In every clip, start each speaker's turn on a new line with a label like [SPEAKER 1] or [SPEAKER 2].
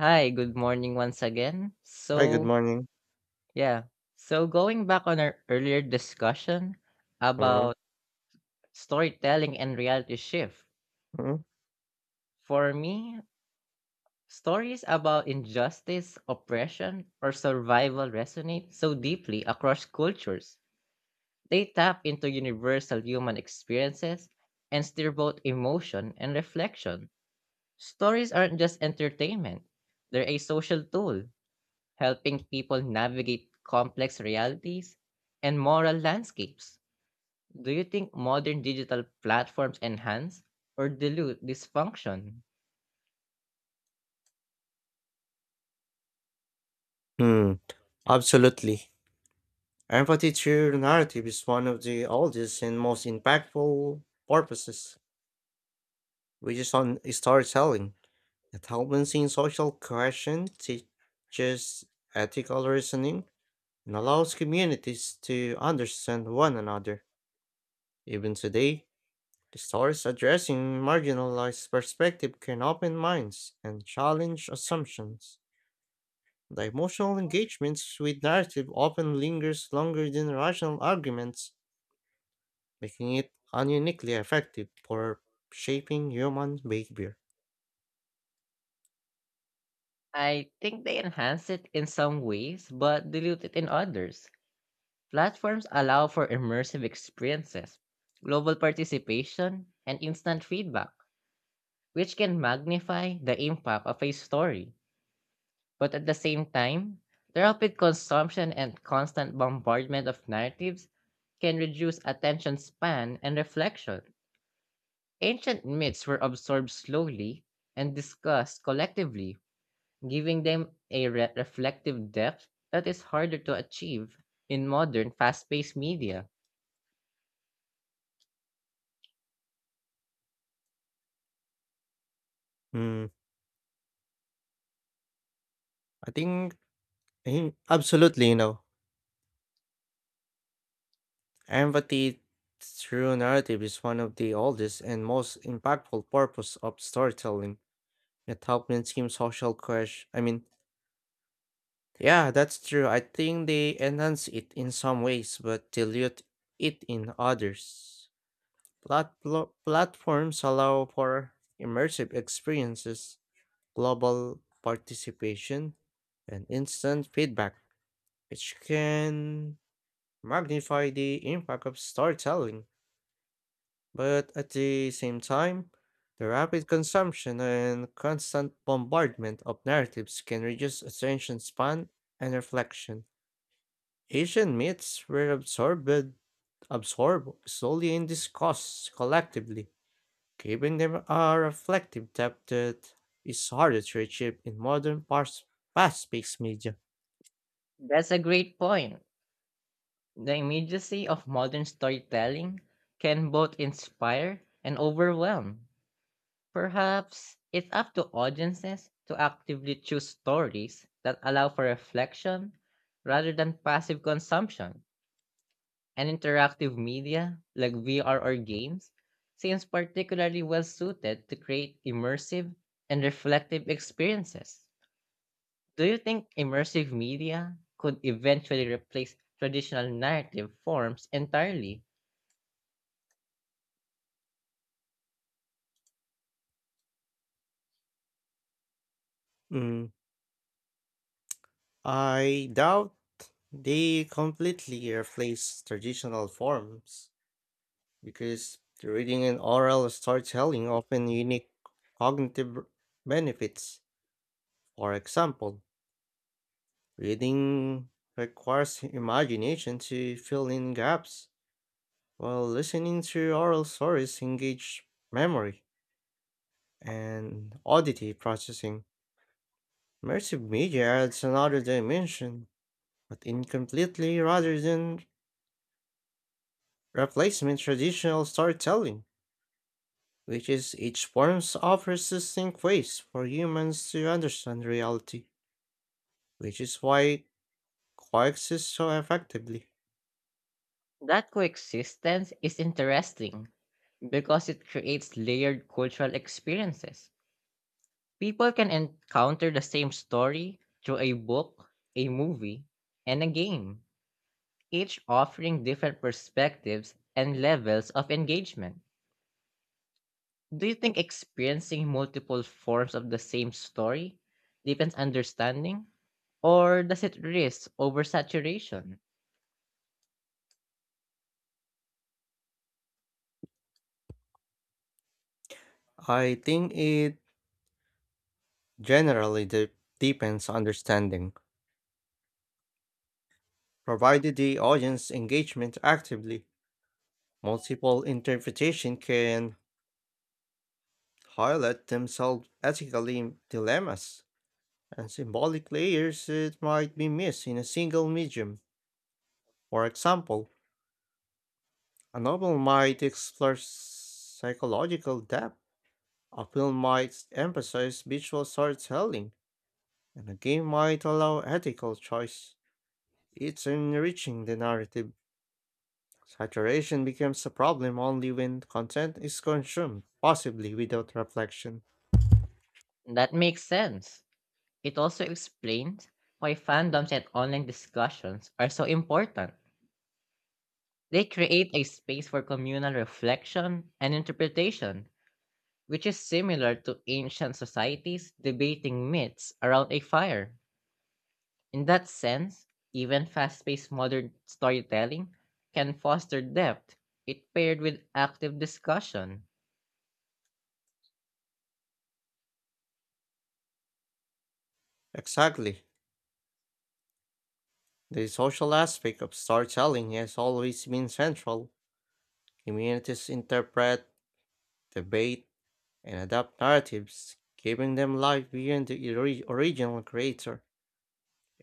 [SPEAKER 1] Hi, good morning once again.
[SPEAKER 2] Hi, good
[SPEAKER 1] So,
[SPEAKER 2] morning.
[SPEAKER 1] yeah. So, going back on our earlier discussion
[SPEAKER 2] Mhm,
[SPEAKER 1] about storytelling and reality shift,
[SPEAKER 2] mhm.
[SPEAKER 1] for me, stories about injustice, oppression, or survival resonate so deeply across cultures. They tap into universal human experiences and stir both emotion and reflection. Stories aren't just entertainment, they're a social tool helping people navigate complex realities and moral landscapes. Do you think modern digital platforms enhance or dilute this function?
[SPEAKER 2] Hmm, absolutely. Empathy through narrative is one of the oldest and most impactful purposes, which is on storytelling. It helps maintain social cohesion, teaches ethical reasoning, and allows communities to understand one another. Even today, the stories addressing marginalized perspective can open minds and challenge assumptions. The emotional engagements with narrative often lingers longer than rational arguments, making it uniquely effective for shaping human behavior.
[SPEAKER 1] I think they enhance it in some ways, but dilute it in others. Platforms allow for immersive experiences, global participation, and instant feedback, which can magnify the impact of a story. But at the same time, the rapid consumption and constant bombardment of narratives can reduce attention span and reflection. Ancient myths were absorbed slowly and discussed collectively, giving them a reflective depth that is harder to achieve in modern fast paced media.
[SPEAKER 2] Hmm, I think absolutely, empathy through narrative is one of the oldest and most impactful purpose of storytelling. It helps in social crash. I mean, yeah, that's true. I think they enhance it in some ways, but dilute it in others. Platforms allow for immersive experiences, global participation, and instant feedback, which can magnify the impact of storytelling. But at the same time, the rapid consumption and constant bombardment of narratives can reduce attention span and reflection. Asian myths were absorbed solely in discourse collectively, giving them a reflective depth that is harder to achieve in modern fast-paced media.
[SPEAKER 1] That's a great point. The immediacy of modern storytelling can both inspire and overwhelm. Perhaps it's up to audiences to actively choose stories that allow for reflection rather than passive consumption. And interactive media like VR or games seems particularly well suited to create immersive and reflective experiences. Do you think immersive media could eventually replace traditional narrative forms entirely?
[SPEAKER 2] Mm, I doubt they completely replace traditional forms because the reading and oral storytelling offer unique cognitive benefits. For example, reading requires imagination to fill in gaps, while listening to oral stories engage memory and oddity processing. Immersive media adds another dimension, but incompletely rather than replacement traditional storytelling, which is each form offers distinct ways for humans to understand reality, which is why it coexists so effectively.
[SPEAKER 1] That coexistence is interesting because it creates layered cultural experiences. People can encounter the same story through a book, a movie, and a game, each offering different perspectives and levels of engagement. Do you think experiencing multiple forms of the same story deepens understanding, or does it risk oversaturation?
[SPEAKER 2] I think it generally deepens understanding, provided the audience engagement actively. Multiple interpretation can highlight themselves ethically dilemmas and symbolic layers that might be missed in a single medium. For example, a novel might explore psychological depth, a film might emphasize visual storytelling, and a game might allow ethical choice. It's enriching the narrative. Saturation becomes a problem only when content is consumed, possibly without reflection.
[SPEAKER 1] That makes sense. It also explains why fandoms and online discussions are so important. They create a space for communal reflection and interpretation which is similar to ancient societies debating myths around a fire. In that sense, even fast paced modern storytelling can foster depth, it paired with active discussion.
[SPEAKER 2] Exactly. The social aspect of storytelling has always been central. Communities interpret, debate, and adapt narratives, giving them life beyond the original creator.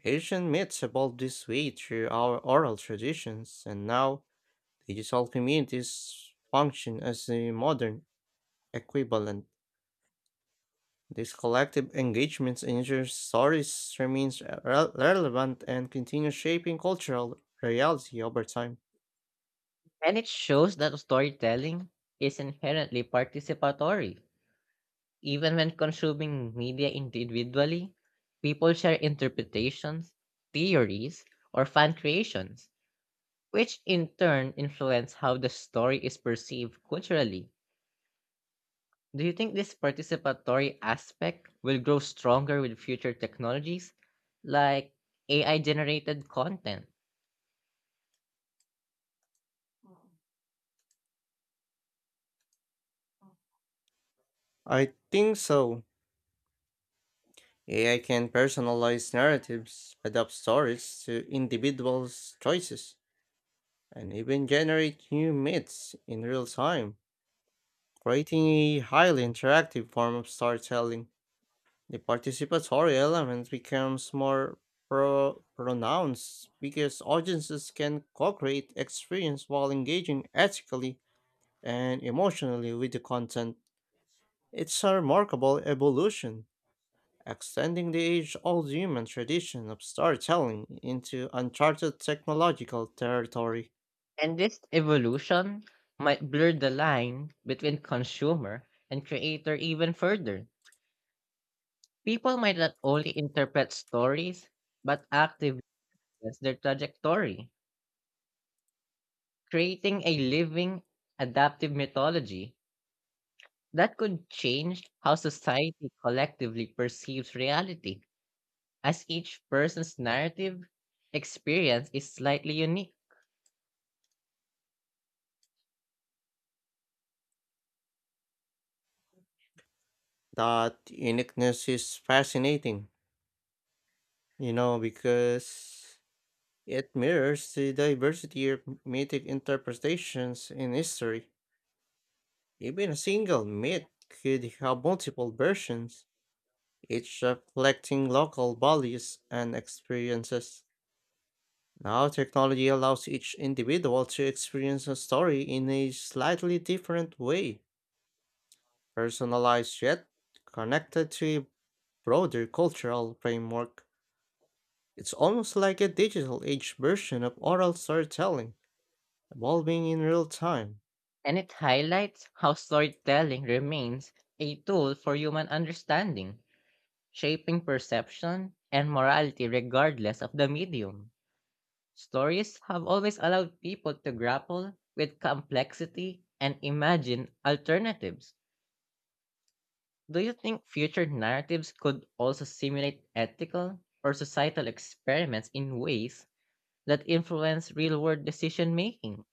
[SPEAKER 2] Asian myths evolved this way through our oral traditions, and now digital communities function as the modern equivalent. This collective engagement ensures stories remains relevant and continues shaping cultural reality over time.
[SPEAKER 1] And it shows that storytelling is inherently participatory. Even when consuming media individually, people share interpretations, theories, or fan creations, which in turn influence how the story is perceived culturally. Do you think this participatory aspect will grow stronger with future technologies like AI generated content?
[SPEAKER 2] I think so. AI can personalize narratives, adapt stories to individuals' choices, and even generate new myths in real time, creating a highly interactive form of storytelling. The participatory element becomes more pronounced because audiences can co create experience while engaging ethically and emotionally with the content. It's a remarkable evolution extending the age-old human tradition of storytelling into uncharted technological territory.
[SPEAKER 1] And this evolution might blur the line between consumer and creator even further. People might not only interpret stories, but actively influence their trajectory, creating a living, adaptive mythology that could change how society collectively perceives reality. As each person's narrative experience is slightly unique,
[SPEAKER 2] That uniqueness is fascinating, because it mirrors the diversity of mythic interpretations in history. Even a single myth could have multiple versions, each reflecting local values and experiences. Now, technology allows each individual to experience a story in a slightly different way, personalized yet connected to a broader cultural framework. It's almost like a digital age version of oral storytelling, evolving in real time.
[SPEAKER 1] and it highlights how storytelling remains a tool for human understanding, shaping perception and morality regardless of the medium. Stories have always allowed people to grapple with complexity and imagine alternatives. Do you think future narratives could also simulate ethical or societal experiments in ways that influence real world decision making?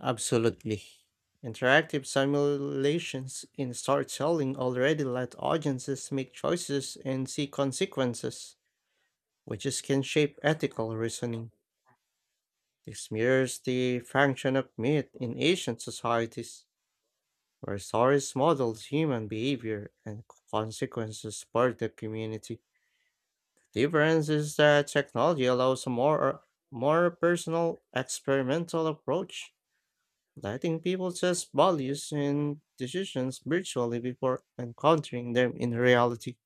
[SPEAKER 2] Absolutely. Interactive simulations in storytelling already let audiences make choices and see consequences, can shape ethical reasoning. This mirrors the function of myth in ancient societies, where stories modeled human behavior and consequences for the community. The difference is that technology allows a more personal, experimental approach, letting people test values and decisions virtually before encountering them in reality.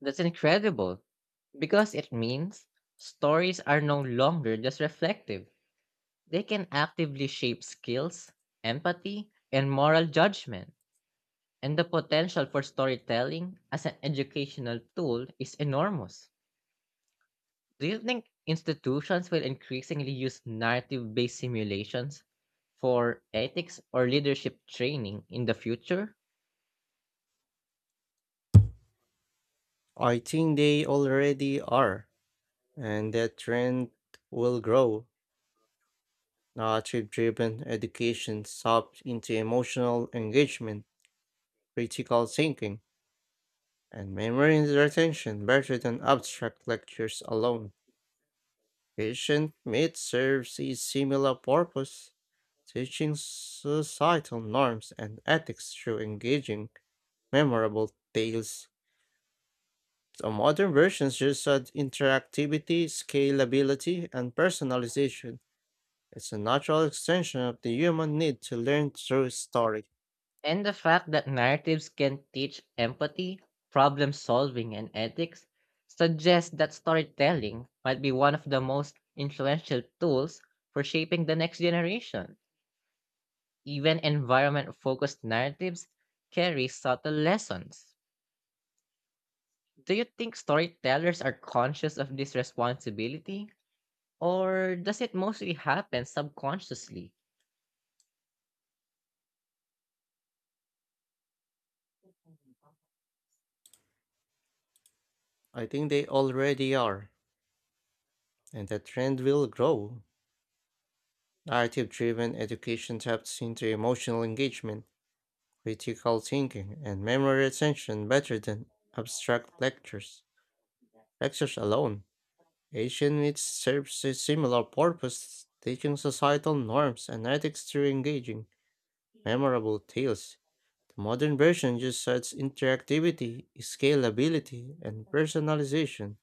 [SPEAKER 1] That's incredible because it means stories are no longer just reflective. They can actively shape skills, empathy, and moral judgment. And the potential for storytelling as an educational tool is enormous. Do you think institutions will increasingly use narrative based simulations for ethics or leadership training in the future?
[SPEAKER 2] I think they already are, and that trend will grow. Narrative driven education taps into emotional engagement, critical thinking, and memory retention better than abstract lectures alone. Patient myth serves a similar purpose, teaching societal norms and ethics through engaging, memorable tales. The modern versions just add interactivity, scalability, and personalization. It's a natural extension of the human need to learn through story.
[SPEAKER 1] And the fact that narratives can teach empathy, problem solving, and ethics suggests that storytelling might be one of the most influential tools for shaping the next generation. Even environment focused narratives carry subtle lessons. Do you think storytellers are conscious of this responsibility, or does it mostly happen subconsciously?
[SPEAKER 2] I think they already are, and the trend will grow. Narrative driven education taps into emotional engagement, critical thinking, and memory retention better than abstract lectures. Lectures alone. Asian myths serves a similar purpose, teaching societal norms and ethics through engaging, memorable tales. The modern version just adds interactivity, scalability, and personalization.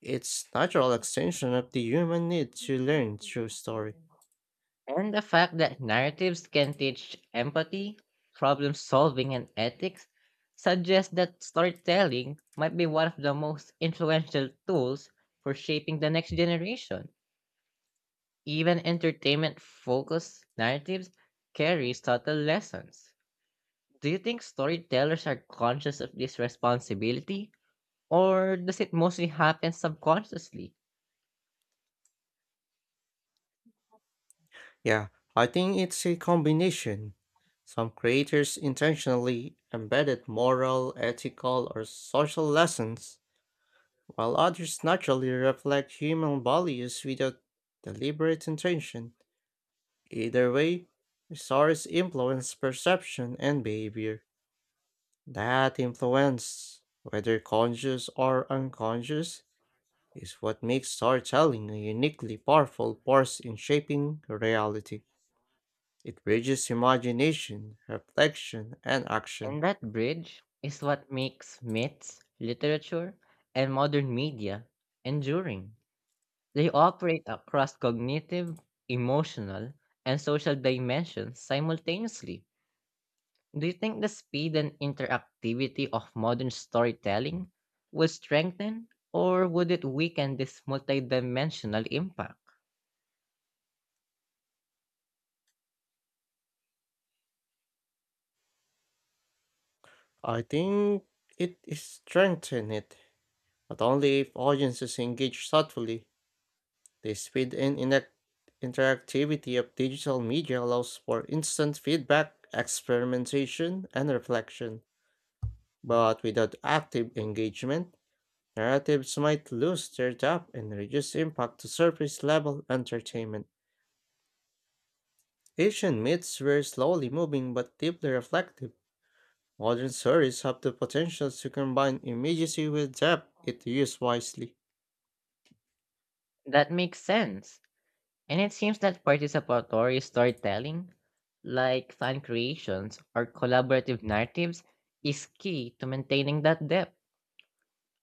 [SPEAKER 2] It's natural extension of the human need to learn through story.
[SPEAKER 1] And the fact that narratives can teach empathy, problem solving, and ethics suggests that storytelling might be one of the most influential tools for shaping the next generation. Even entertainment focused narratives carry subtle lessons. Do you think storytellers are conscious of this responsibility, or does it mostly happen subconsciously?
[SPEAKER 2] Yeah, I think it's a combination. Some creators intentionally embedded moral, ethical, or social lessons, while others naturally reflect human values without deliberate intention. Either way, stories influence perception and behavior. That influence, whether conscious or unconscious, is what makes storytelling a uniquely powerful force in shaping reality. It bridges imagination, reflection, and action.
[SPEAKER 1] And that bridge is what makes myths, literature, and modern media enduring. They operate across cognitive, emotional, and social dimensions simultaneously. Do you think the speed and interactivity of modern storytelling will strengthen or would it weaken this multidimensional impact?
[SPEAKER 2] I think it is strengthens it, but only if audiences engage thoughtfully. The speed and interactivity of digital media allows for instant feedback, experimentation, and reflection. But without active engagement, narratives might lose their depth and reduce impact to surface level entertainment. Asian myths were slowly moving but deeply reflective. Modern stories have the potential to combine immediacy with depth if used wisely.
[SPEAKER 1] That makes sense. And it seems that participatory storytelling, like fan creations or collaborative narratives, is key to maintaining that depth.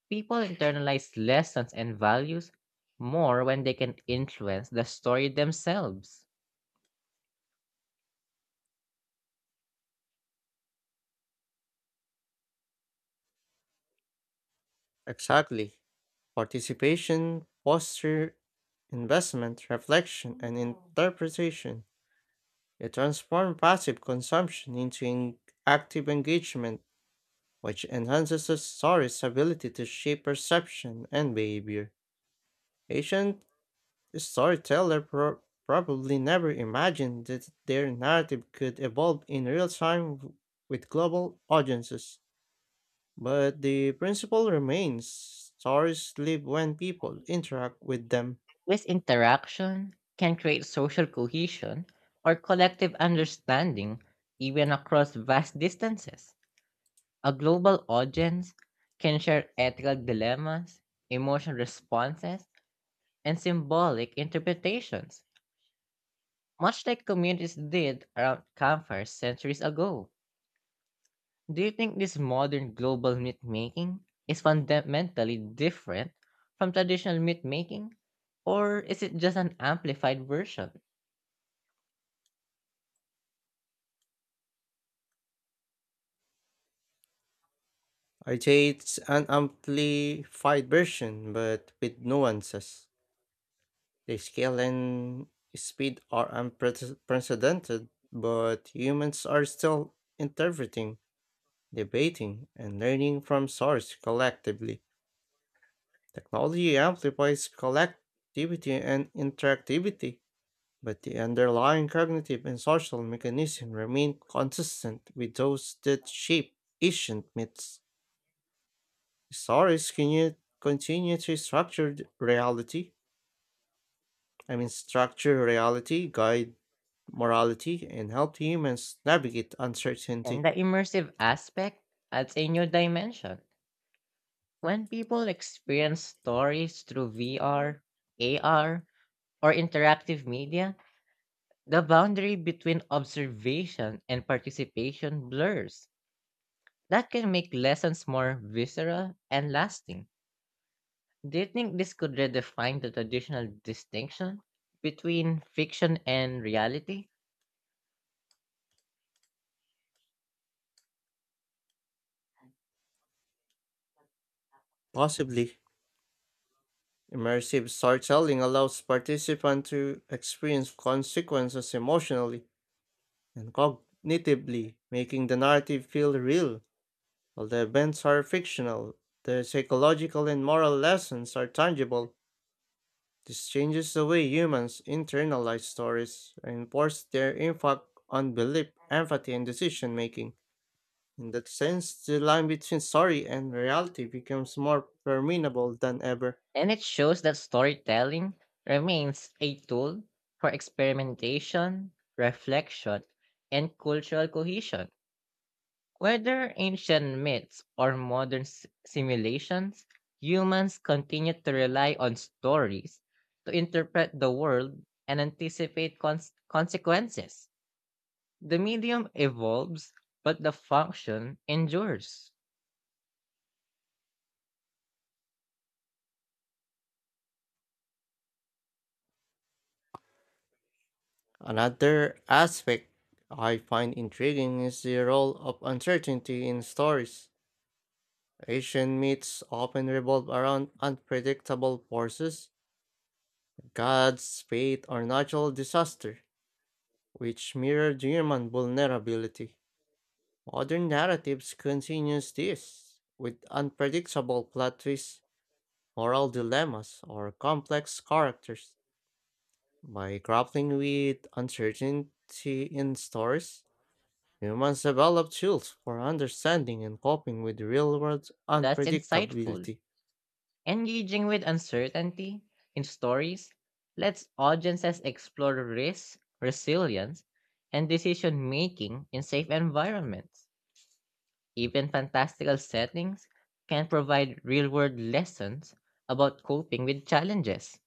[SPEAKER 1] People internalize lessons and values more when they can influence the story themselves.
[SPEAKER 2] Exactly. Participation foster investment, reflection, and interpretation. It transforms passive consumption into active engagement, which enhances the story's ability to shape perception and behavior. Ancient storyteller probably never imagined that their narrative could evolve in real time with global audiences. But the principle remains stories live when people interact with them.
[SPEAKER 1] This interaction can create social cohesion or collective understanding even across vast distances. A global audience can share ethical dilemmas, emotional responses, and symbolic interpretations, much like communities did around campfires centuries ago. Do you think this modern global myth making is fundamentally different from traditional myth making? Or is it just an amplified version?
[SPEAKER 2] I'd say it's an amplified version, but with nuances. The scale and speed are unprecedented, but humans are still interpreting, debating, and learning from source collectively. Technology amplifies collectivity and interactivity, but the underlying cognitive and social mechanisms remain consistent with those that shape ancient myths. Stories can yet continue to structure the reality, I mean, structure reality, guide morality, and help humans navigate
[SPEAKER 1] And
[SPEAKER 2] uncertainty.
[SPEAKER 1] the immersive aspect adds a new dimension. When people experience stories through VR, AR, or interactive media, the boundary between observation and participation blurs. That can make lessons more visceral and lasting. Do you think this could redefine the traditional distinction between fiction and reality?
[SPEAKER 2] Possibly, immersive storytelling allows participants to experience consequences emotionally and cognitively, making the narrative feel real. While the events are fictional, the psychological and moral lessons are tangible. This changes the way humans internalize stories and enforce their impact on belief, empathy, and decision making. In that sense, the line between story and reality becomes more permeable than ever.
[SPEAKER 1] And it shows that storytelling remains a tool for experimentation, reflection, and cultural cohesion. Whether ancient myths or modern simulations, humans continue to rely on stories to interpret the world and anticipate consequences. The medium evolves, but the function endures.
[SPEAKER 2] Another aspect I find intriguing is the role of uncertainty in stories. Asian myths often revolve around unpredictable forces, gods, fate, or natural disaster, which mirror human vulnerability. Modern narratives continues this, with unpredictable plot twists, moral dilemmas, or complex characters. By grappling with uncertainty in stories, humans develop tools for understanding and coping with real-world
[SPEAKER 1] That's insightful.
[SPEAKER 2] unpredictability.
[SPEAKER 1] Engaging with uncertainty in stories lets audiences explore risk, resilience, and decision making in safe environments. Even fantastical settings can provide real world lessons about coping with challenges.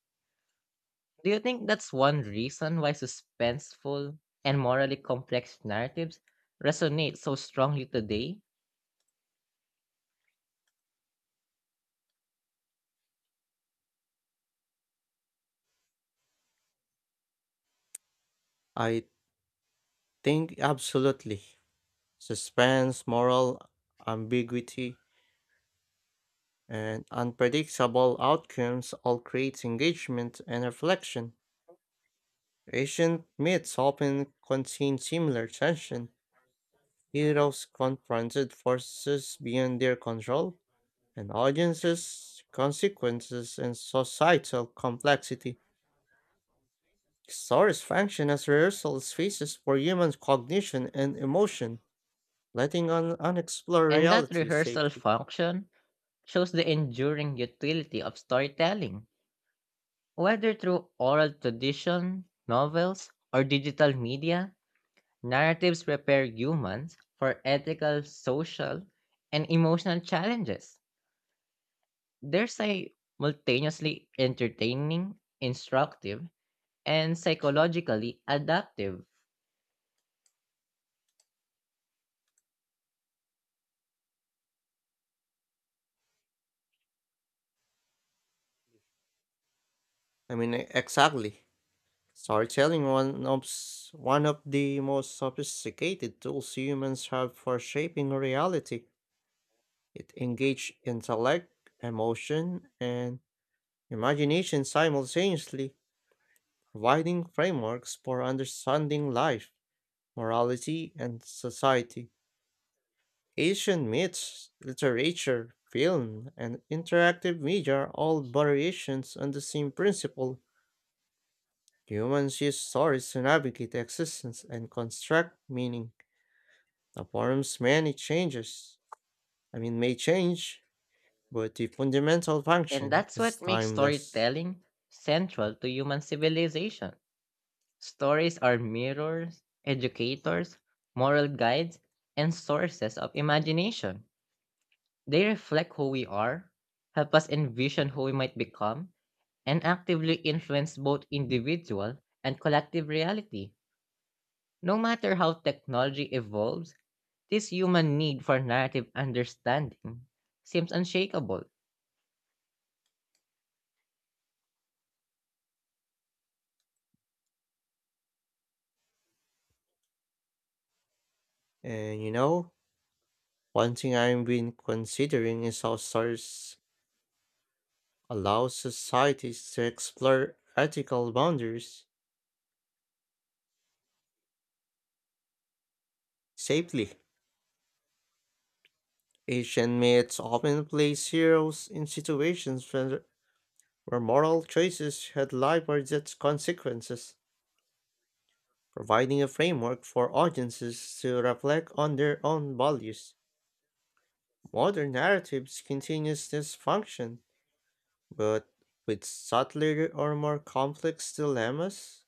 [SPEAKER 1] Do you think that's one reason why suspenseful and morally complex narratives resonate so strongly today?
[SPEAKER 2] I think absolutely. Suspense, moral ambiguity, and unpredictable outcomes all create engagement and reflection. Ancient myths often contain similar tension. Heroes confronted forces beyond their control, and audiences, consequences, and societal complexity. Stories function as rehearsal spaces for human cognition and emotion, letting on unexplored
[SPEAKER 1] And that
[SPEAKER 2] reality
[SPEAKER 1] rehearsal
[SPEAKER 2] safely.
[SPEAKER 1] function shows the enduring utility of storytelling. Whether through oral tradition, novels, or digital media, narratives prepare humans for ethical, social, and emotional challenges. They're simultaneously entertaining, instructive, and psychologically adaptive.
[SPEAKER 2] I mean, exactly. Storytelling one of the most sophisticated tools humans have for shaping reality. It engages intellect, emotion, and imagination simultaneously, providing frameworks for understanding life, morality, and society. Asian myths, literature, film, and interactive media are all variations on the same principle. Humans use stories to navigate existence and construct meaning. The form's many changes, I mean, may change, but the fundamental
[SPEAKER 1] And
[SPEAKER 2] function
[SPEAKER 1] that's
[SPEAKER 2] is
[SPEAKER 1] what makes
[SPEAKER 2] timeless.
[SPEAKER 1] storytelling central to human civilization. Stories are mirrors, educators, moral guides, and sources of imagination. They reflect who we are, help us envision who we might become, and actively influence both individual and collective reality. No matter how technology evolves, this human need for narrative understanding seems unshakable.
[SPEAKER 2] And one thing I've been considering is how stars allow societies to explore ethical boundaries safely. Asian myths often place heroes in situations where moral choices had life or death consequences, providing a framework for audiences to reflect on their own values. Modern narratives continues this function, but with subtler or more complex dilemmas,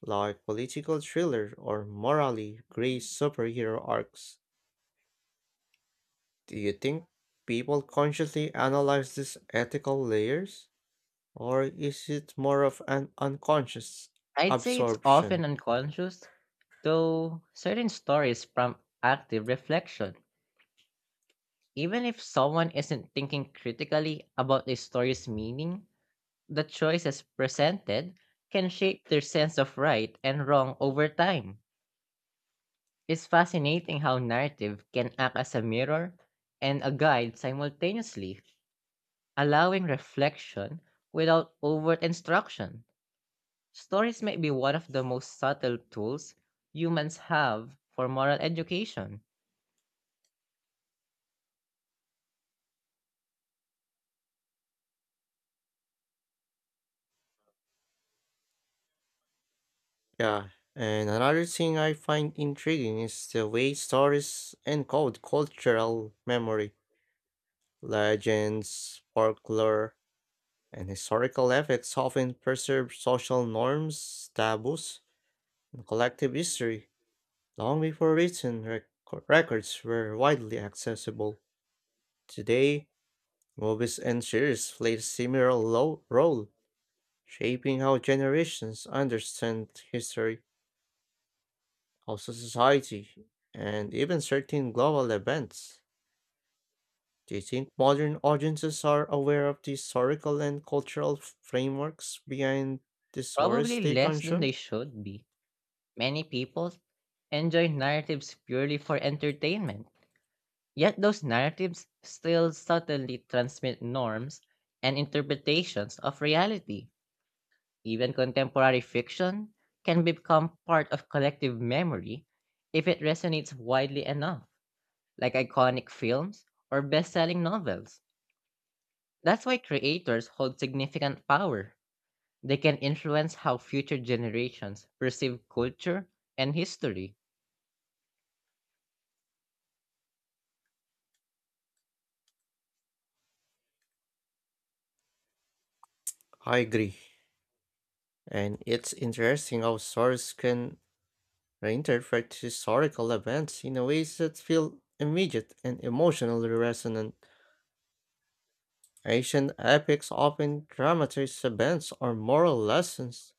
[SPEAKER 2] like political thriller or morally gray superhero arcs. Do you think people consciously analyze these ethical layers, or is it more of an unconscious
[SPEAKER 1] I'd say it's often
[SPEAKER 2] absorption?
[SPEAKER 1] unconscious, though certain stories prompt active reflection. Even if someone isn't thinking critically about a story's meaning, the choices presented can shape their sense of right and wrong over time. It's fascinating how narrative can act as a mirror and a guide simultaneously, allowing reflection without overt instruction. Stories might be one of the most subtle tools humans have for moral education,
[SPEAKER 2] Yeah, and another thing I find intriguing is the way stories encode cultural memory, legends, folklore, and historical ethics often preserve social norms, taboos, and collective history long before written records were widely accessible. Today, movies and series play a similar role, shaping how generations understand history, also society, and even certain global events. Do you think modern audiences are aware of the historical and cultural frameworks behind the stories
[SPEAKER 1] probably
[SPEAKER 2] they
[SPEAKER 1] less than they
[SPEAKER 2] consume?
[SPEAKER 1] should be. Many people enjoy narratives purely for entertainment, yet those narratives still subtly transmit norms and interpretations of reality. Even contemporary fiction can become part of collective memory if it resonates widely enough, like iconic films or best selling novels. That's why creators hold significant power. They can influence how future generations perceive culture and history.
[SPEAKER 2] I agree. And it's interesting how stories can reinterpret historical events in a ways that feel immediate and emotionally resonant. Ancient epics often dramatize events or moral lessons,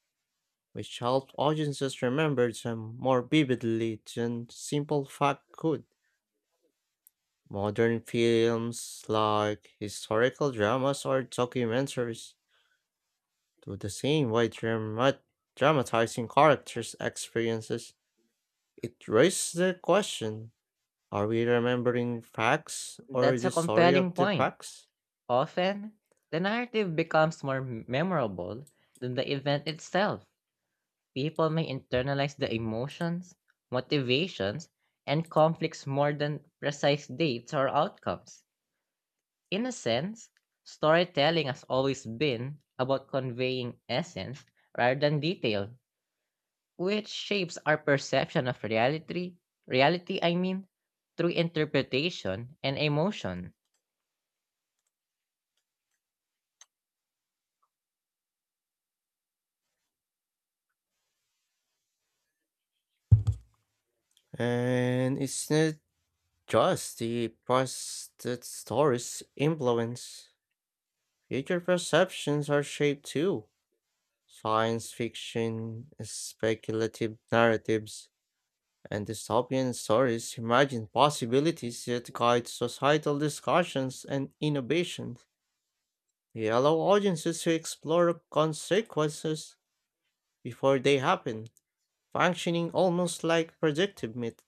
[SPEAKER 2] which help audiences remember them more vividly than simple fact could. Modern films, like historical dramas or documentaries, do the same by dramatizing characters' experiences. It raises the question, are we remembering facts or
[SPEAKER 1] That's a
[SPEAKER 2] the story
[SPEAKER 1] compelling
[SPEAKER 2] of the
[SPEAKER 1] point.
[SPEAKER 2] facts?
[SPEAKER 1] Often, the narrative becomes more memorable than the event itself. People may internalize the emotions, motivations, and conflicts more than precise dates or outcomes. In a sense, storytelling has always been about conveying essence rather than detail, which shapes our perception of reality, I mean, through interpretation and emotion.
[SPEAKER 2] And it's not just the past that stories influence. Future perceptions are shaped too. Science fiction, speculative narratives, and dystopian stories imagine possibilities that guide societal discussions and innovations. They allow audiences to explore consequences before they happen, functioning almost like predictive myth.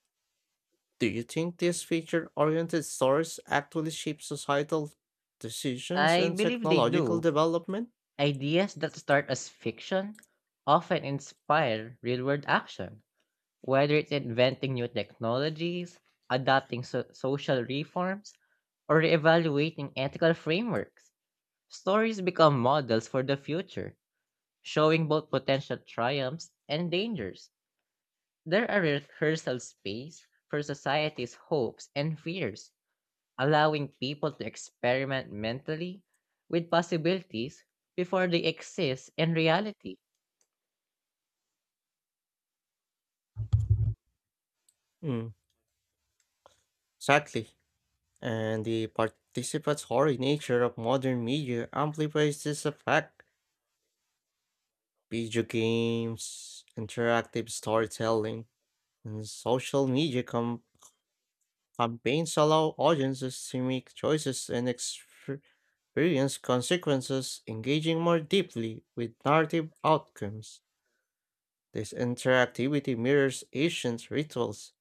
[SPEAKER 2] Do you think these feature oriented stores actually shape societal decisions
[SPEAKER 1] I
[SPEAKER 2] and
[SPEAKER 1] believe they
[SPEAKER 2] technological
[SPEAKER 1] do.
[SPEAKER 2] development?
[SPEAKER 1] Ideas that start as fiction often inspire real world action, whether it's inventing new technologies, adapting social reforms, or reevaluating ethical frameworks. Stories become models for the future, showing both potential triumphs and dangers. They're a rehearsal space for society's hopes and fears, allowing people to experiment mentally with possibilities before they exist in reality.
[SPEAKER 2] Mm, exactly. And the participatory nature of modern media amplifies this effect. Video games, interactive storytelling, and social media campaigns allow audiences to make choices and experience consequences, engaging more deeply with narrative outcomes. This interactivity mirrors ancient rituals,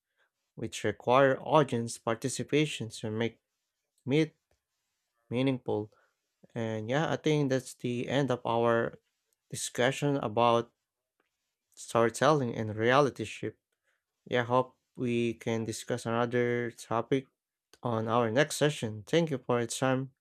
[SPEAKER 2] which require audience participation to make it meaningful. And yeah, I think that's the end of our discussion about storytelling and reality shift. Yeah, hope we can discuss another topic on our next session. Thank you for your time.